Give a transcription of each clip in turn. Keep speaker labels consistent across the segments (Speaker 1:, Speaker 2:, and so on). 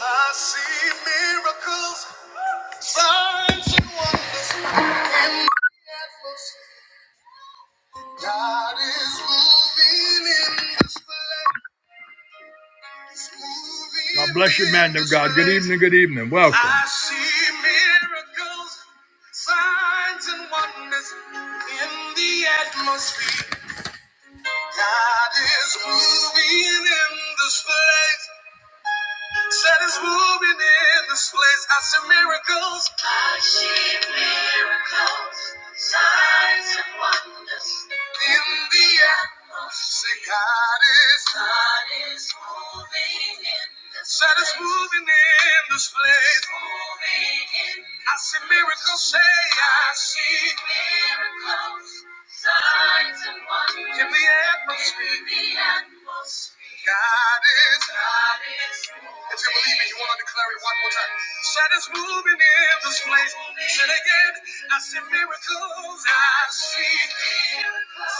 Speaker 1: I see miracles, signs and wonders in the atmosphere. God is moving in this place. moving God bless you, man of God. Good evening, good evening. Welcome. I see miracles, signs and wonders in the atmosphere. God is moving in this place. Said it's moving in this place. I see miracles. I see miracles, signs and wonders in the atmosphere. God is, God is moving in this Said it's place. moving in this place. It's Moving in this I see miracles, place. say I see miracles, signs and wonders in the atmosphere. In the atmosphere. God is, God is. If you believe it, you want to declare it one more time. Said it's moving in this place. Said again, I see miracles. I see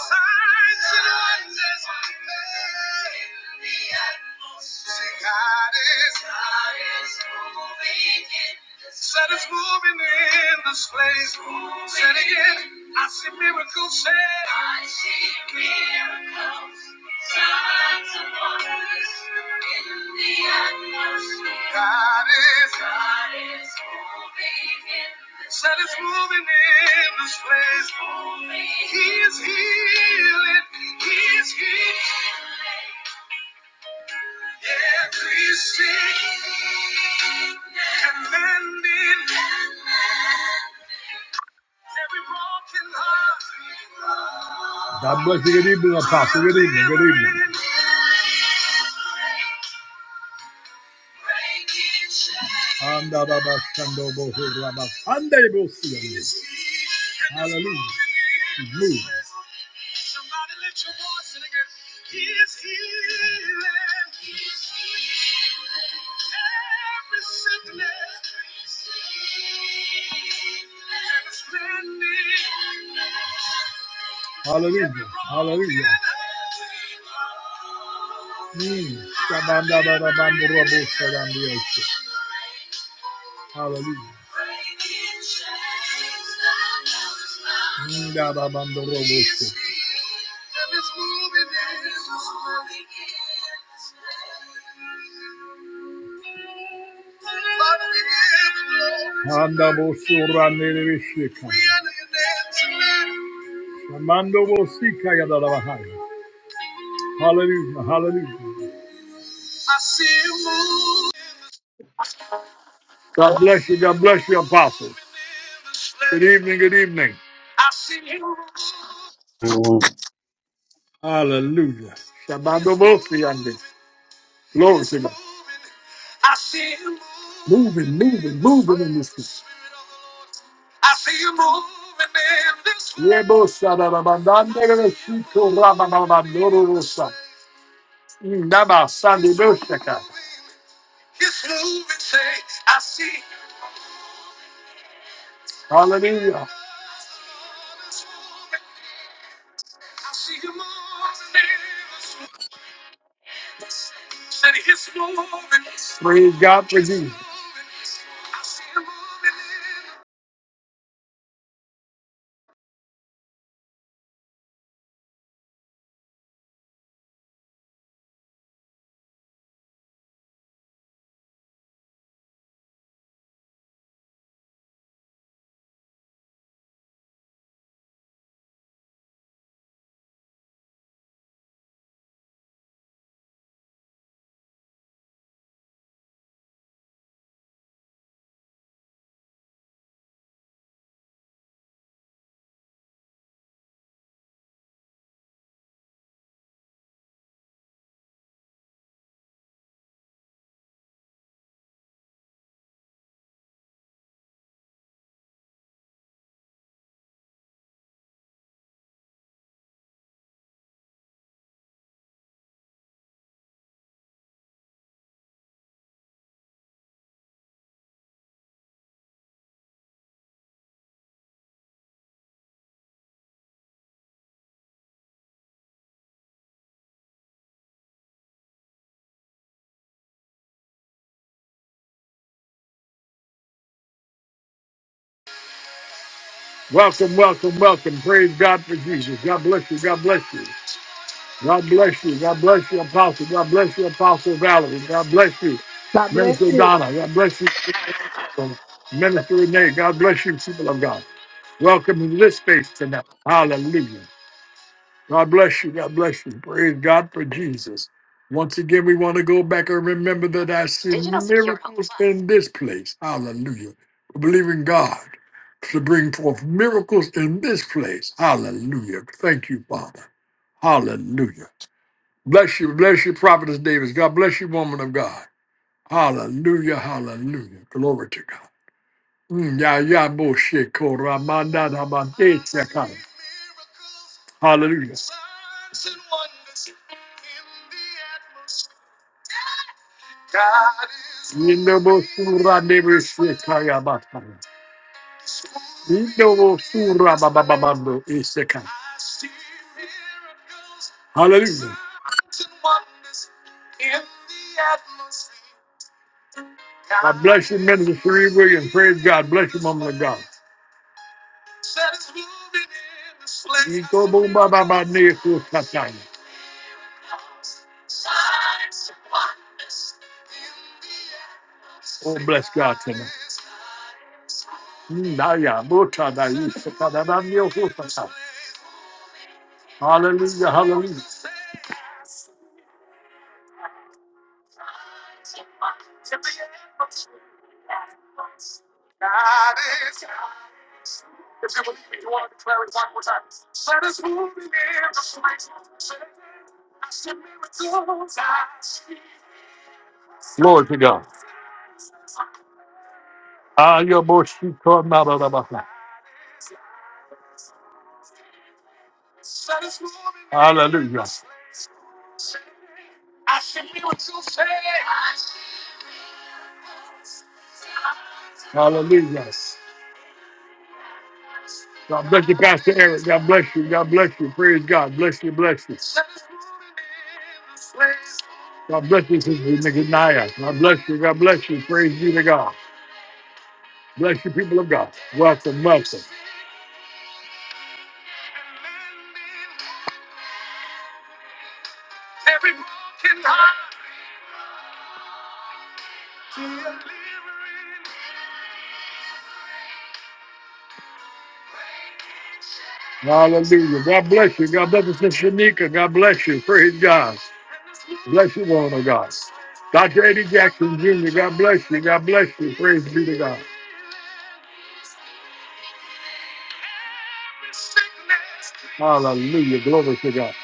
Speaker 1: signs and wonders. See, God is. Said it's moving in this place. Said again, I see miracles. Said I see miracles. Signs and wonders. God is, God is moving in this Said it's place. God is moving in this place. He is healing. He is healing. Every sick, commanding, every broken heart. God bless you. Good evening, Apostle. Good evening. Good evening. Anda baba sando boho raba. Anda yebo siya. Hallelujah. He's moving. Hallelujah. Hallelujah. Mm. Shabandabandabandorobosadandiyoshe. Hallelujah. Ndababandoroboshe. Handabosorandelebesheka. Shamandobosika yadalabahaya. Hallelujah. Hallelujah. God bless you. God bless you, Apostle. Good evening. Good evening.
Speaker 2: everyone.
Speaker 1: Hallelujah. Shabbat Bosi and Glory to God. Moving, moving, moving in this place. I see you moving Yebo sarabandande reshito rababandoro rosa. Ndaba sande boshaka. Hallelujah. Praise God for Jesus. Welcome, welcome, welcome. Praise God for Jesus. God bless you. God bless you. God bless you. God bless you, Apostle. God bless you, Apostle Valerie. God bless you,
Speaker 3: God bless
Speaker 1: Minister
Speaker 3: you.
Speaker 1: Donna. God bless you, Minister Renee. God bless you, people of God. Welcome to this space tonight. Hallelujah. God bless you. God bless you. Praise God for Jesus. Once again, we want to go back and remember that I see miracles in this place. Hallelujah. We believe in God to bring forth miracles in this place. Hallelujah. Thank you, Father. Hallelujah. Bless you. Bless you, Prophetess Davis. God bless you, woman of God. Hallelujah. Hallelujah. Glory to God. Mm, Yeah, yeah, bullshit, Koramanda, Ramande, Sekai. Hallelujah. Indobo Sura Devi Sekaya Bataya. Indobo Sura Babababando Iseka. Hallelujah. God bless you, Minister Sheree and Praise God. Bless you, Mama of God. Iko bumba baba neku kataya. Oh, bless God tonight. Naya, Muta, Naya, Sakada, Naya, Hutasa. Hallelujah, hallelujah. Glory to God. Aya, Moshiko, Naba, Hallelujah, hallelujah. God bless you, Pastor Eric. God bless you. God bless you. Praise God. Bless you, bless you. God bless you, Sister Nicanaya. God bless you. God bless you. Praise be to God. Bless you, people of God. Welcome, welcome. Hallelujah. God bless you. God bless you, Sister Shanika. God bless you. Praise God. Bless you, woman of God. Dr. Eddie Jackson Jr., God bless you. God bless you. Praise be to God. Hallelujah. Glory to God.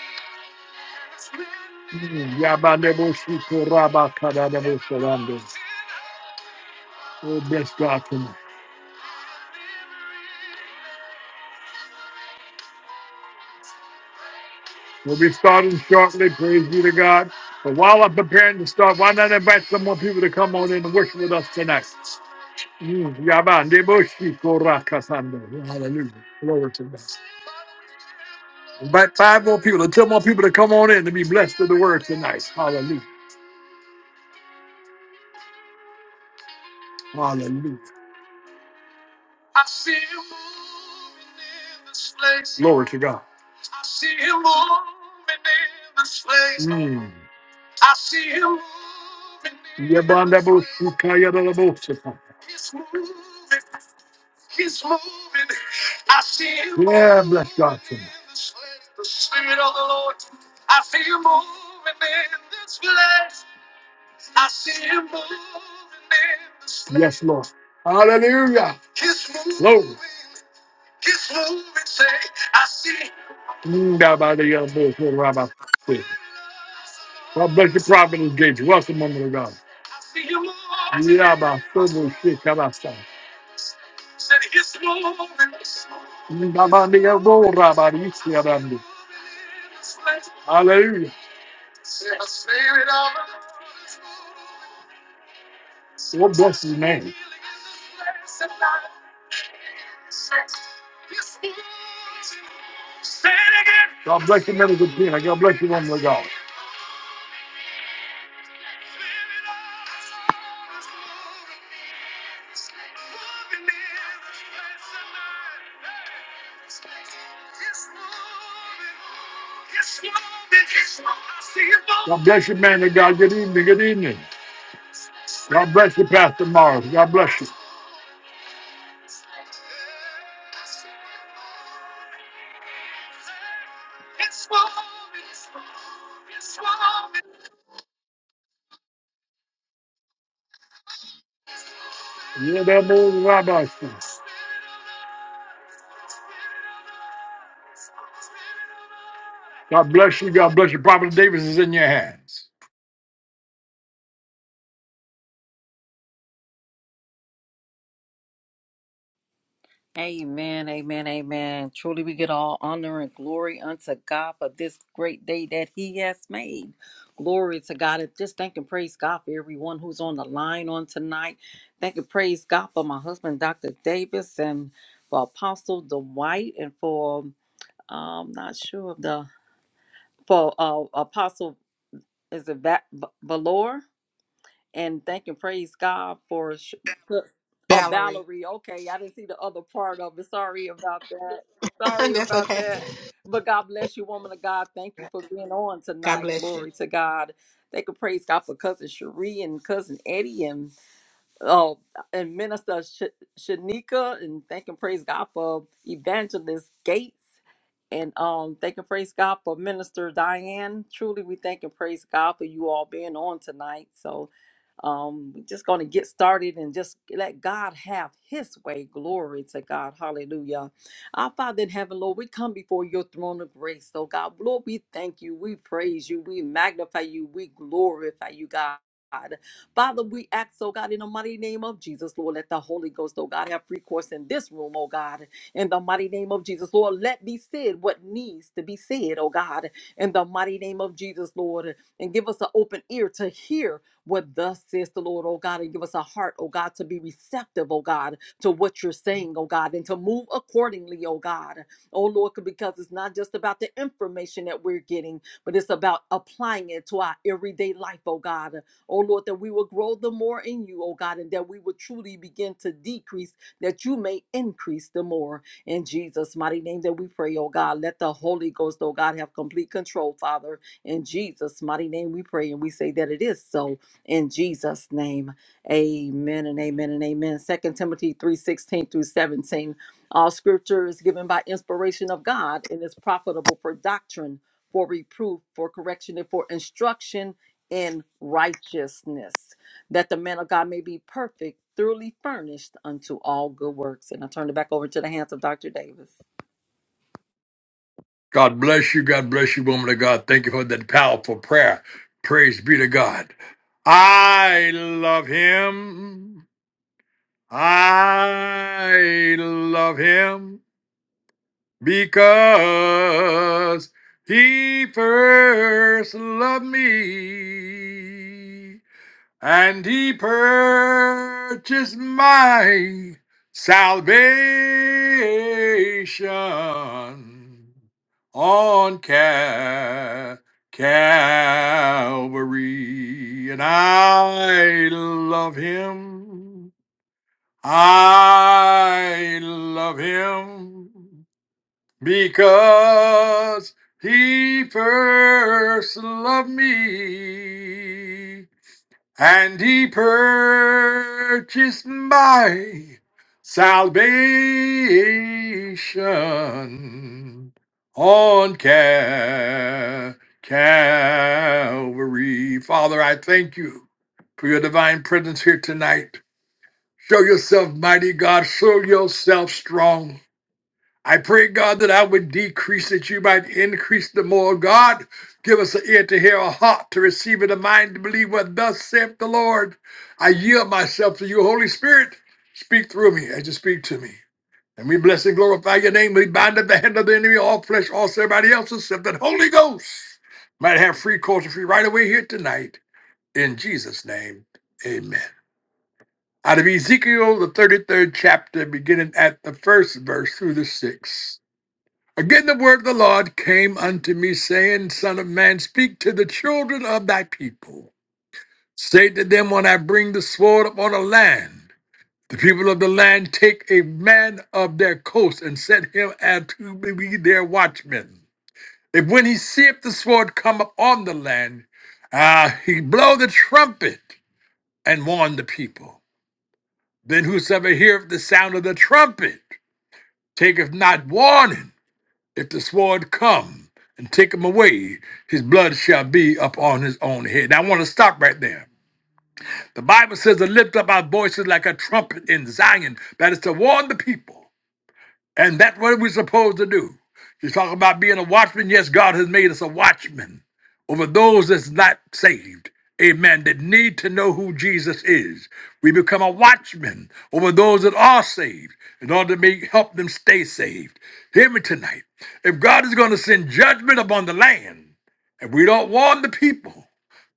Speaker 1: Mm. Yabanebo Shikoraba Kadadebo Sarando. Oh, bless God tonight. We'll be starting shortly. Praise be to God. But while I'm preparing to start, why not invite some more people to come on in and worship with us tonight? Mm, yabande boshi korakasando. Hallelujah. Glory to God. Invite five more people, or ten more people to come on in to be blessed with the word tonight. Hallelujah. Hallelujah. Glory to God. I I see him moving. Yabanda Bosuka Yabala Bosuka. He's moving. He's moving. I see him. Yeah, bless God. moving in this place. The Spirit of the Lord. I see him moving in this place. I see him moving in this place. Yes, Lord. Hallelujah. He's moving. Glory. He's moving. Say, I see. him. Mm, da, ba, da, ya, bo, ho, ra, ba, quick. God bless your providence, and Welcome, woman of God. Yeah, about my son, shit, come outside. Nabandi, ya, bo, rabadi, isi, ya, bandi. Hallelujah. God bless your name. God bless you, men of God. God bless you, woman of God. God bless you, man of God. Good evening. Good evening. God bless you, Pastor Morris. God bless you. Yeah, that moves God bless you. God bless you. God bless you. Prophet Davis is in your hands.
Speaker 4: Amen, amen, amen. Truly, we get all honor and glory unto God for this great day that He has made. Glory to God. And just thank and praise God for everyone who's on the line on tonight. Thank and praise God for my husband, Dr. Davis, and for Apostle Dwight, and for, um, not sure of the, for uh, Apostle, is it Va- Va- Valor? and thank and praise God for sh- uh,
Speaker 3: Valerie.
Speaker 4: Valerie. Okay, I didn't see the other part of it. Sorry about that. Sorry
Speaker 3: That's
Speaker 4: about
Speaker 3: okay.
Speaker 4: that. But God bless you, woman of God. Thank you for being on
Speaker 3: God
Speaker 4: tonight.
Speaker 3: bless you.
Speaker 4: Glory to God. Thank and praise God for cousin Cherie and cousin Eddie and oh, and minister Sh- Shanika. And thank and praise God for evangelist Gates. And um, thank and praise God for Minister Diane. Truly, we thank and praise God for you all being on tonight. So um, we're just going to get started and just let God have His way. Glory to God. Hallelujah. Our Father in heaven, Lord, we come before your throne of grace. Oh God, Lord, we thank you. We praise you. We magnify you. We glorify you, God. Father, we ask, oh God, in the mighty name of Jesus, Lord, let the Holy Ghost, oh God, have free course in this room, oh God, in the mighty name of Jesus, Lord, let be said what needs to be said, oh God, in the mighty name of Jesus, Lord, and give us an open ear to hear what thus says the Lord, oh God, and give us a heart, oh God, to be receptive, oh God, to what you're saying, oh God, and to move accordingly, oh God. Oh Lord, because it's not just about the information that we're getting, but it's about applying it to our everyday life, oh God. Oh Lord, that we will grow the more in you, oh God, and that we will truly begin to decrease, that you may increase the more. In Jesus' mighty name that we pray, oh God. Let the Holy Ghost, oh God, have complete control, Father. In Jesus' mighty name we pray and we say that it is so in Jesus' name. Amen and amen and amen. Second Timothy 3 16 through 17. All scripture is given by inspiration of God and is profitable for doctrine, for reproof, for correction, and for instruction in righteousness, that the man of God may be perfect, thoroughly furnished unto all good works. And I turn it back over to the hands of Dr. Davis.
Speaker 1: God bless you. God bless you, woman of God. Thank you for that powerful prayer. Praise be to God. I love him. I love him because he first loved me and he purchased my salvation on Cal- Calvary, and I love him. I love him because he first loved me and he purchased my salvation on Cal- Calvary. Father, I thank you for your divine presence here tonight. Show yourself mighty, God. Show yourself strong. I pray, God, that I would decrease, that you might increase the more. God, give us an ear to hear, a heart to receive, and a mind to believe what thus saith the Lord. I yield myself to you, Holy Spirit. Speak through me as you speak to me. And we bless and glorify your name. We bind up the hand of the enemy, all flesh, all everybody else, except that Holy Ghost might have free course and free right away here tonight. In Jesus' name, amen. Out of Ezekiel, the 33rd chapter, beginning at the first verse through the sixth. Again, the word of the Lord came unto me, saying, Son of man, speak to the children of thy people. Say to them, When I bring the sword upon a land, the people of the land take a man of their coast and set him as to be their watchman. If when he seeth the sword come upon the land, ah, he blow the trumpet and warn the people. Then whosoever heareth the sound of the trumpet taketh not warning If the sword come and take him away, his blood shall be upon his own head. Now, I want to stop right there. The Bible says to lift up our voices like a trumpet in Zion, that is to warn the people. And that's what we're supposed to do. You talk about being a watchman. Yes, God has made us a watchman over those that's not saved. Amen. That need to know who Jesus is. We become a watchman over those that are saved in order to make, help them stay saved. Hear me tonight. If God is going to send judgment upon the land, and we don't warn the people.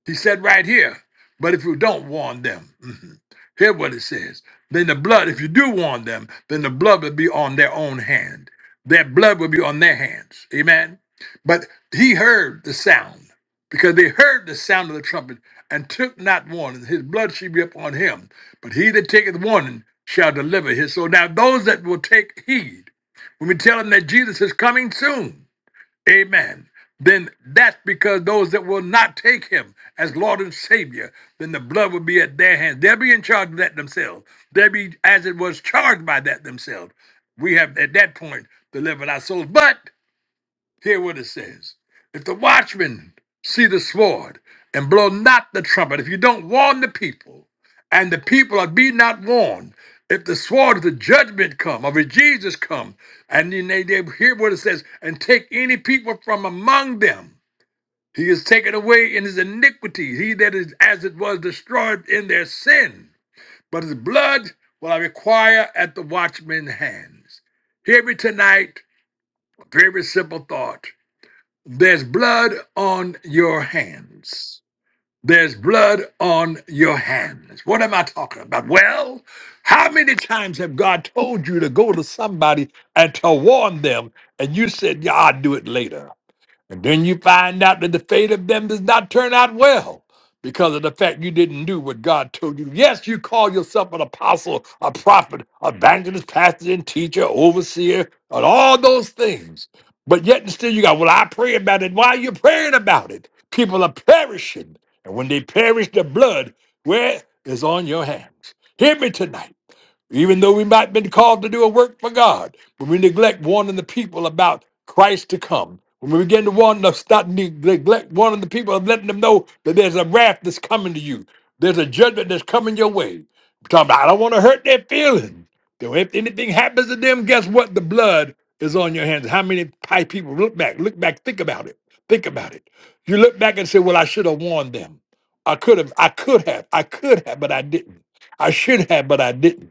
Speaker 1: He said right here, but if you don't warn them, mhm, hear what it says. Then the blood, if you do warn them, then the blood will be on their own hand. Their blood will be on their hands. Amen. But he heard the sound because they heard the sound of the trumpet and took not warning. His blood shall be upon him, but he that taketh warning shall deliver his soul. Now, those that will take heed, when we tell them that Jesus is coming soon, Amen. Then that's because those that will not take him as Lord and Savior, then the blood will be at their hands. They'll be in charge of that themselves. They'll be as it was charged by that themselves. We have at that point delivered our souls. But Hear what it says. If the watchman see the sword and blow not the trumpet, if you don't warn the people, and the people are be not warned, if the sword of the judgment come, of the Jesus come, and then they, they hear what it says, and take any people from among them, he is taken away in his iniquity, he that is as it was destroyed in their sin. But his blood will I require at the watchman's hands. Hear me tonight, a very simple thought. There's blood on your hands. There's blood on your hands. What am I talking about? Well, how many times have God told you to go to somebody and to warn them, and you said, Yeah, I'll do it later? And then you find out that the fate of them does not turn out well because of the fact you didn't do what God told you. Yes, you call yourself an apostle, a prophet, evangelist, pastor, and teacher, overseer, and all those things. But yet and still you got, well, I pray about it. Why are you praying about it? People are perishing. And when they perish, the blood, where is on your hands? Hear me tonight. Even though we might have been called to do a work for God, when we neglect warning the people about Christ to come, when we begin to warn them, stop neglect warning the people and letting them know that there's a wrath that's coming to you, there's a judgment that's coming your way. I'm talking about, I don't want to hurt their feelings. So if anything happens to them, guess what? The blood is on your hands. How many pi- people look back, look back, think about it, think about it. You look back and say, "Well, I should have warned them. I could have, I could have, I could have, but I didn't. I should have, but I didn't."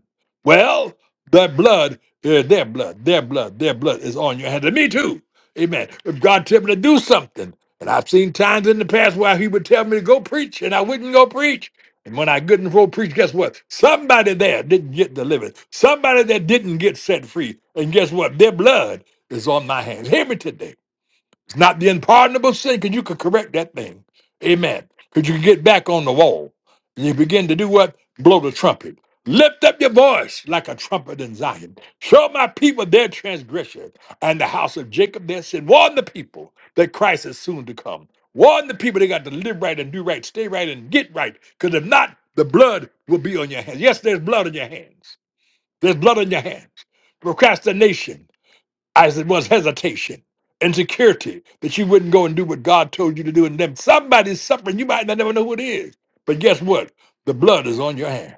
Speaker 1: Well, that blood, uh, their blood, their blood, their blood is on your hands. And me too. Amen. If God tell me to do something, and I've seen times in the past where he would tell me to go preach, and I wouldn't go preach. And when I couldn't go preach, guess what? Somebody there didn't get delivered. Somebody that didn't get set free. And guess what? Their blood is on my hands. Hear me today. Not the unpardonable sin, because you could correct that thing. Amen. Because you can get back on the wall. And you begin to do what? Blow the trumpet. Lift up your voice like a trumpet in Zion. Show my people their transgression and the house of Jacob their sin. Warn the people that Christ is soon to come. Warn the people they got to live right and do right, stay right and get right. Because if not, the blood will be on your hands. Yes, there's blood on your hands. There's blood on your hands. Procrastination as it was hesitation, insecurity that you wouldn't go and do what God told you to do. And then somebody's suffering. You might not never know who it is. But guess what? The blood is on your hands.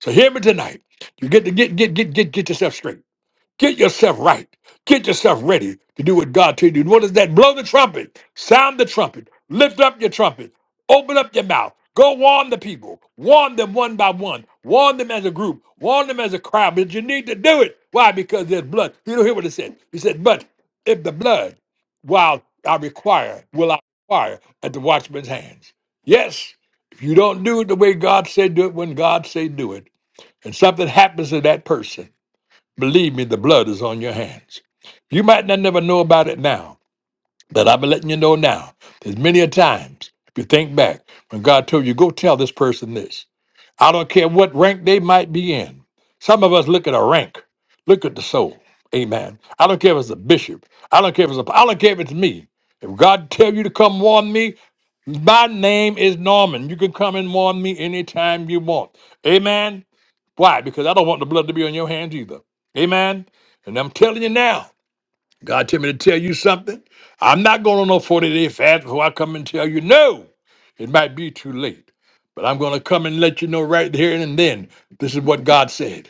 Speaker 1: So hear me tonight. You get to get get get get get yourself straight. Get yourself right. Get yourself ready to do what God told you. to do. What is that? Blow the trumpet. Sound the trumpet. Lift up your trumpet. Open up your mouth. Go warn the people. Warn them one by one. Warn them as a group. Warn them as a crowd. But you need to do it. Why? Because there's blood. You don't hear what it said. He said, but if the blood, while I require, will I require at the watchman's hands. Yes, if you don't do it the way God said do it, when God said do it, and something happens to that person, Believe me, the blood is on your hands. You might not never know about it now, but I've been letting you know now. There's many a times, if you think back, when God told you, go tell this person this. I don't care what rank they might be in. Some of us look at a rank, look at the soul. Amen. I don't care if it's a bishop. I don't care if it's a, I don't care if it's me. If God tell you to come warn me, my name is Norman. You can come and warn me anytime you want. Amen. Why? Because I don't want the blood to be on your hands either. Amen. And I'm telling you now, God tell me to tell you something. I'm not going on no 40 day fast before I come and tell you no. It might be too late, but I'm going to come and let you know right here and then. This is what God said.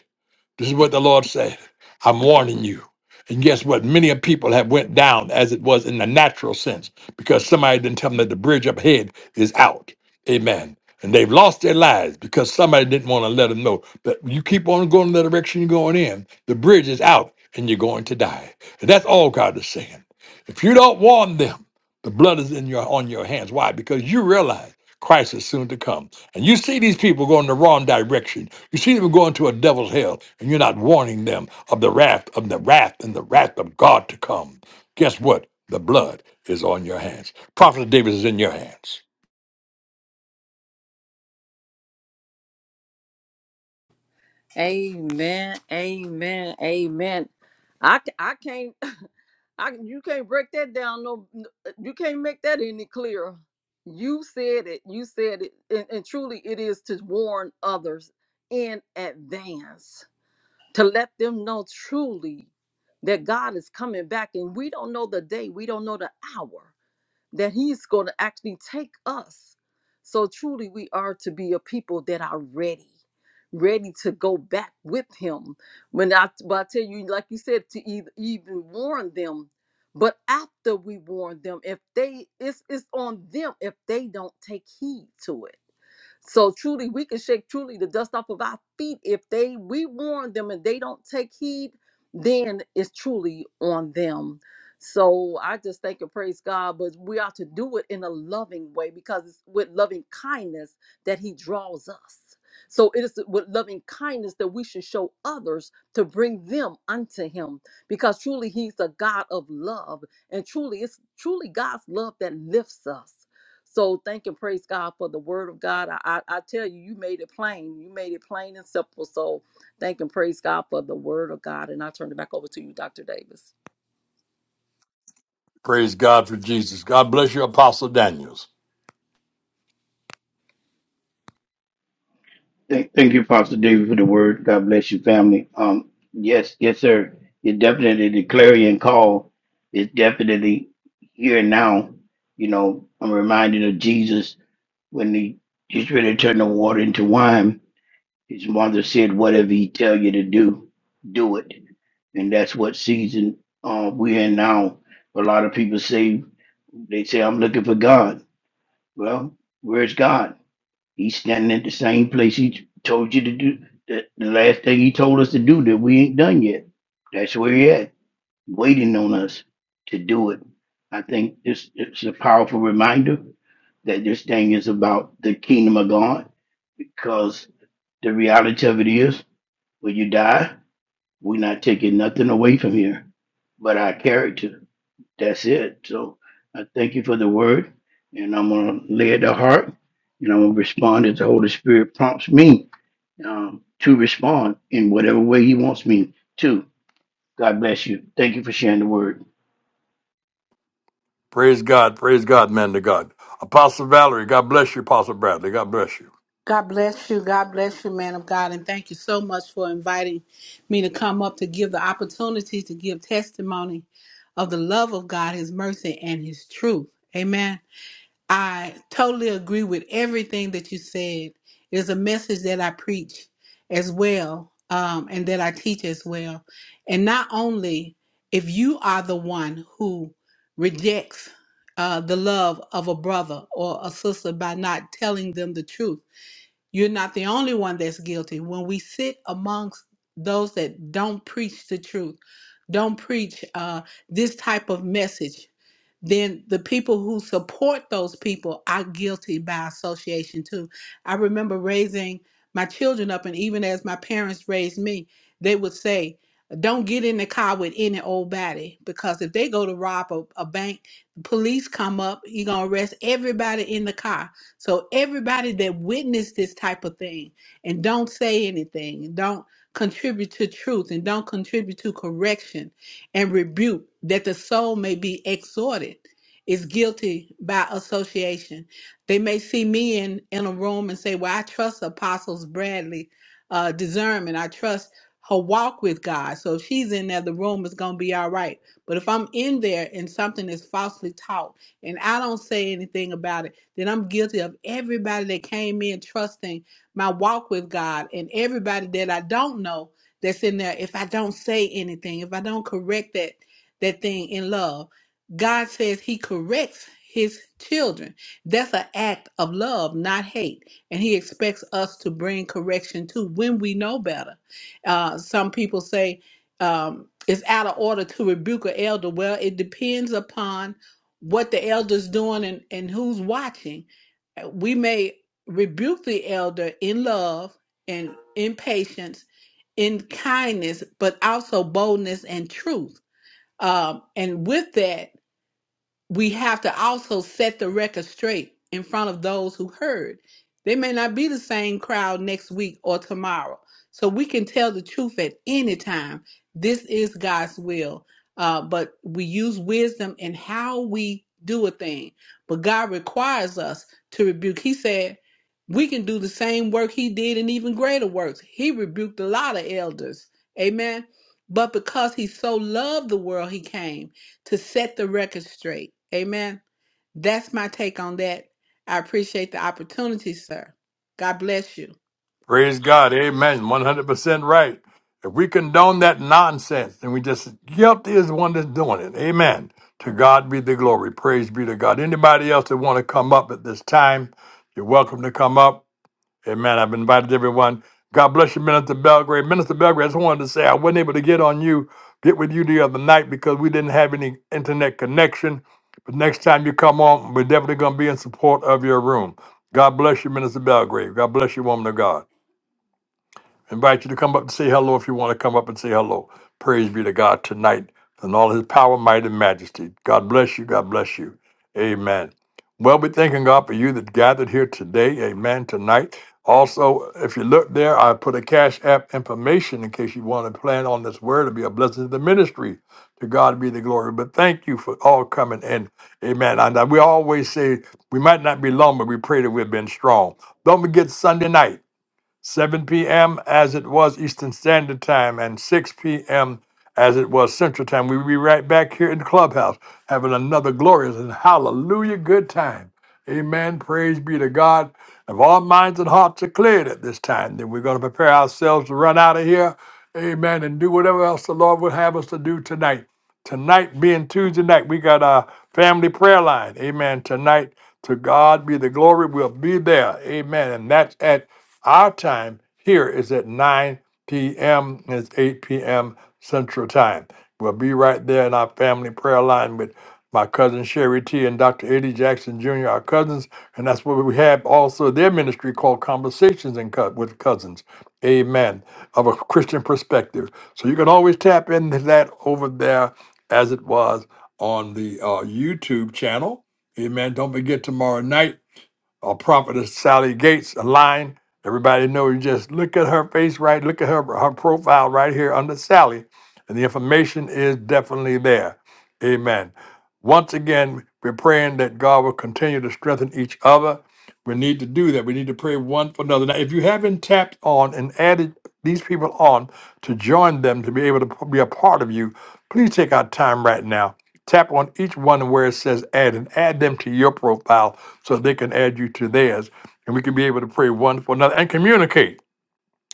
Speaker 1: This is what the Lord said. I'm warning you. And guess what? Many of people have went down as it was in the natural sense because somebody didn't tell them that the bridge up ahead is out. Amen. And they've lost their lives because somebody didn't want to let them know. But you keep on going in the direction you're going in, the bridge is out and you're going to die. And that's all God is saying. If you don't warn them, the blood is in your on your hands. Why? Because you realize Christ is soon to come. And you see these people going the wrong direction. You see them going to a devil's hell, and you're not warning them of the wrath, of the wrath, and the wrath of God to come. Guess what? The blood is on your hands. Prophet David is in your hands.
Speaker 4: Amen. Amen. Amen. I, c- I can't. I you can't break that down. No, uh, you can't make that any clearer. You said it. You said it, and, and truly, it is to warn others in advance to let them know truly that God is coming back, and we don't know the day, we don't know the hour, that he's going to actually take us. So truly, we are to be a people that are ready, ready to go back with him. When I, but I tell you, like you said, to either, even warn them, but after we warn them, if they, it's it's on them if they don't take heed to it so truly, we can shake truly the dust off of our feet. If they we warn them and they don't take heed, then it's truly on them. So I just thank and praise God, but we are to do it in a loving way because it's with loving kindness that He draws us. So it is with loving kindness that we should show others to bring them unto Him because truly He's a God of love and truly it's truly God's love that lifts us. So thank and praise God for the word of God. I, I, I tell you, you made it plain. You made it plain and simple. So thank and praise God for the word of God. And I turn it back over to you, Dr. Davis.
Speaker 1: Praise God for Jesus. God bless you, Apostle Daniels.
Speaker 2: Thank, thank you, Pastor David, for the word. God bless you, family. Um, yes, yes, sir. It definitely the clarion call is definitely here and now. You know, I'm reminded of Jesus when he just ready to turn the water into wine. His mother said, "Whatever he tell you to do, do it," and that's what season uh, we're in now. A lot of people say they say, "I'm looking for God." Well, where's God? He's standing at the same place he told you to do. The, the last thing he told us to do that we ain't done yet. That's where he at, waiting on us to do it. I think this it's a powerful reminder that this thing is about the kingdom of God because the reality of it is when you die, we're not taking nothing away from here but our character that's it. So I thank you for the word, and I'm going to lay it to heart, and I'm going to respond as the Holy Spirit prompts me um, to respond in whatever way He wants me to. God bless you. Thank you for sharing the word.
Speaker 1: Praise God. Praise God, man to God. Apostle Valerie, God bless you, Apostle Bradley. God bless you.
Speaker 3: God bless you. God bless you, man of God. And thank you so much for inviting me to come up to give the opportunity to give testimony of the love of God, His mercy, and His truth. Amen. I totally agree with everything that you said. It is a message that I preach as well, um, and that I teach as well. And not only if you are the one who rejects uh, the love of a brother or a sister by not telling them the truth, you're not the only one that's guilty. When we sit amongst those that don't preach the truth, don't preach uh, this type of message, then the people who support those people are guilty by association too. I remember raising my children up, and even as my parents raised me, they would say, don't get in the car with any old body because if they go to rob a, a bank, police come up, you're gonna arrest everybody in the car. So everybody that witnessed this type of thing and don't say anything, and don't contribute to truth and don't contribute to correction and rebuke that the soul may be exhorted is guilty by association. They may see me in, in a room and say, Well, I trust Apostles Bradley uh, discernment. I trust her walk with God. So if she's in there, the room is going to be all right. But if I'm in there and something is falsely taught and I don't say anything about it, then I'm guilty of everybody that came in trusting my walk with God and everybody that I don't know that's in there, if I don't say anything, if I don't correct that that thing in love, God says he corrects his children. That's an act of love, not hate. And he expects us to bring correction to when we know better. Uh, some people say um, it's out of order to rebuke an elder. Well, it depends upon what the elder's doing and, and who's watching. We may rebuke the elder in love and in patience in kindness, but also boldness and truth. Um, and with that, we have to also set the record straight in front of those who heard. They may not be the same crowd next week or tomorrow. So we can tell the truth at any time. This is God's will. Uh, but we use wisdom in how we do a thing. But God requires us to rebuke. He said, we can do the same work he did and even greater works. He rebuked a lot of elders. Amen. But because he so loved the world, he came to set the record straight. Amen. That's my take on that. I appreciate the opportunity, sir. God bless you.
Speaker 1: Praise God. Amen. 100% right. If we condone that nonsense, then we just, yep, there's one that's doing it. Amen. To God be the glory. Praise be to God. Anybody else that want to come up at this time, you're welcome to come up. Amen. I've invited everyone. God bless you, Minister Belgrade. Minister Belgrade, I just wanted to say I wasn't able to get on you, get with you the other night because we didn't have any internet connection. But next time you come on, we're definitely going to be in support of your room. God bless you, Minister Belgrade. God bless you, woman of God. Invite you to come up and say hello if you want to come up and say hello. Praise be to God tonight and all his power, might, and majesty. God bless you. God bless you. Amen. Well, we're thanking God for you that gathered here today. Amen. Tonight. Also, if you look there, I put a Cash App information in case you want to plan on this word to be a blessing to the ministry. To God be the glory. But thank you for all coming in. Amen. And uh, we always say we might not be long, but we pray that we've been strong. Don't forget Sunday night. 7 p.m. as it was Eastern Standard Time, and 6 p.m. as it was Central Time. We'll be right back here in the clubhouse having another glorious and hallelujah good time. Amen. Praise be to God. If our minds and hearts are cleared at this time, then we're going to prepare ourselves to run out of here. Amen. And do whatever else the Lord would have us to do tonight. Tonight being Tuesday night, we got our family prayer line. Amen. Tonight, to God be the glory. We'll be there. Amen. And that's at our time here is at 9 p.m. and it's 8 p.m. Central Time. We'll be right there in our family prayer line with my cousin Sherry T and Dr. Eddie Jackson Jr., our cousins. And that's where we have also their ministry called Conversations and Co- with Cousins. Amen. Of a Christian perspective. So you can always tap into that over there as it was on the uh, YouTube channel. Amen. Don't forget tomorrow night uh, prophetess Sally Gates a line. Everybody know you just look at her face, right? Look at her her profile right here under Sally, and the information is definitely there. Amen. Once again, we're praying that God will continue to strengthen each other. We need to do that. We need to pray one for another. Now, if you haven't tapped on and added these people on to join them to be able to p- be a part of you, please take our time right now Tap on each one where it says add and add them to your profile so they can add you to theirs. And we can be able to pray one for another and communicate,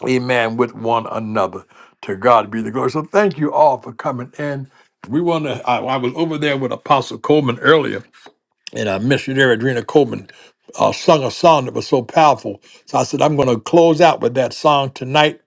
Speaker 1: amen, with one another. To God be the glory. So thank you all for coming in. We want to, I, I was over there with Apostle Coleman earlier, and our missionary Adrena Coleman uh, sung a song that was so powerful. So I said, I'm going to close out with that song tonight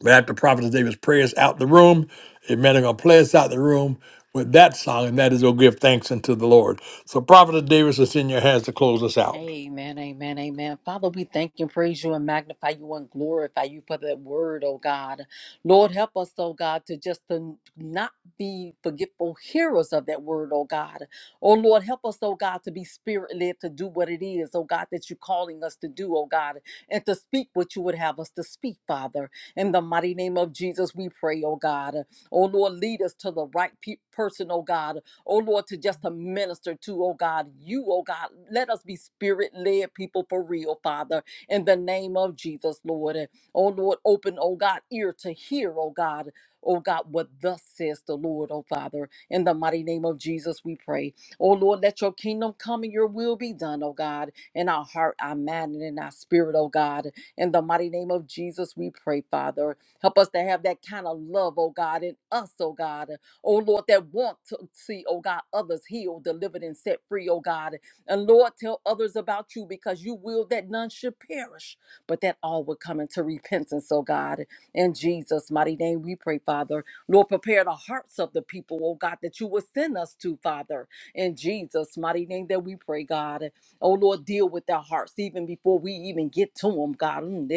Speaker 1: but after Prophet David's prayers out the room, amen, they're going to play us out the room with that song, and that is going to give thanks unto the Lord. So, Prophet Davis, it's in your hands to close us out.
Speaker 4: Amen, amen, amen. Father, we thank you and praise you and magnify you and glorify you for that word, oh God. Lord, help us, oh God, to just to not be forgetful hearers of that word, oh God. Oh Lord, help us, oh God, to be spirit led to do what it is, oh God, that you're calling us to do, oh God, and to speak what you would have us to speak, Father. In the mighty name of Jesus, we pray, oh God. Oh Lord, lead us to the right pe- person, oh God, oh Lord, to just to minister to, oh God, you, oh God. Let us be spirit led people for real, Father, in the name of Jesus, Lord. And oh Lord, open, oh God, ear to hear, oh God. Oh God, what thus says the Lord, oh Father, in the mighty name of Jesus, we pray. Oh Lord, let your kingdom come and your will be done, oh God, in our heart, our mind, and in our spirit, oh God. In the mighty name of Jesus, we pray, Father. Help us to have that kind of love, oh God, in us, oh God oh Lord, that want to see, oh God, others healed, delivered, and set free, oh God. And Lord, tell others about you because you will that none should perish, but that all would come into repentance, oh God. In Jesus' mighty name, we pray, Father. Lord, prepare the hearts of the people, oh God, that you would send us to, Father. In Jesus' mighty name, that we pray, God. Oh Lord, deal with their hearts even before we even get to them, God. Mm,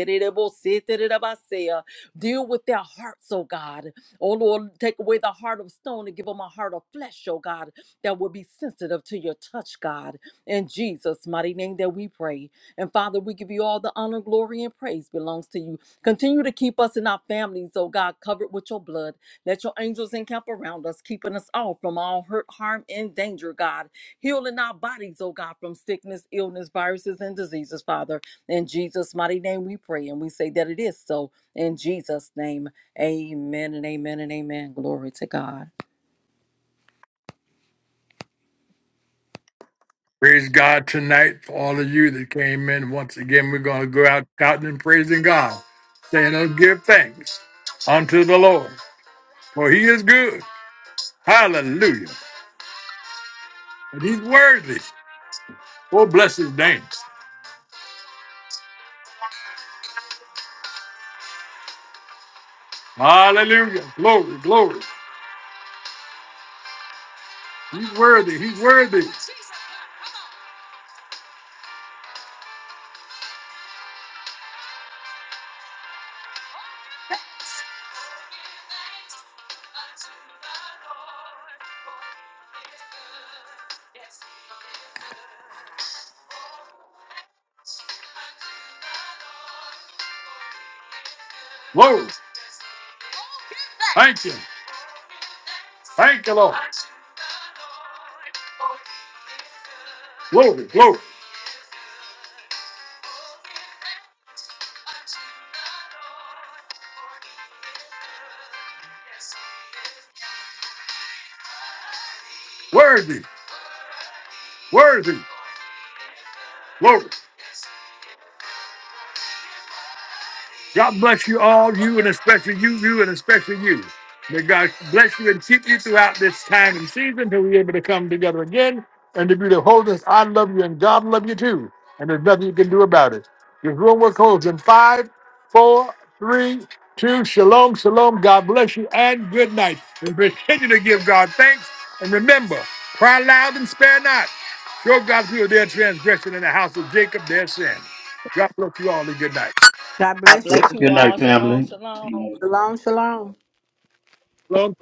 Speaker 4: Deal with their hearts, oh God. Oh Lord, take away the heart of stone and give them a heart of flesh, oh God, that will be sensitive to your touch, God. In Jesus' mighty name that we pray. And Father, we give you all the honor, glory, and praise belongs to you. Continue to keep us and our families, oh God, covered with your blood. Let your angels encamp around us, keeping us all from all hurt, harm, and danger, God. Healing our bodies, oh God, from sickness, illness, viruses, and diseases, Father. In Jesus' mighty name we pray and we say that it is so. In Jesus' name. Amen and amen and amen. Glory to God.
Speaker 1: Praise God tonight for all of you that came in. Once again, we're going to go out shouting and praising God, saying, oh, give thanks unto the Lord, for he is good. Hallelujah. And he's worthy. Oh, bless his name. Hallelujah. Glory, glory. He's worthy. He's worthy. Glory. Thank you. Thank you, Lord. Glory, glory, worthy, worthy, glory. God bless you all, you and especially you, you and especially you. May God bless you and keep you throughout this time and season until we're able to come together again and to be the holiness. I love you and God love you too. And there's nothing you can do about it. This room will close in five, four, three, two. Shalom, shalom. God bless you and good night. And continue to give God thanks. And remember, cry loud and spare not. Show God's people their transgression in the house of Jacob their sin. God bless you all and good night.
Speaker 3: God bless you.
Speaker 2: Good, good night, family.
Speaker 3: Shalom, shalom.
Speaker 1: Shalom.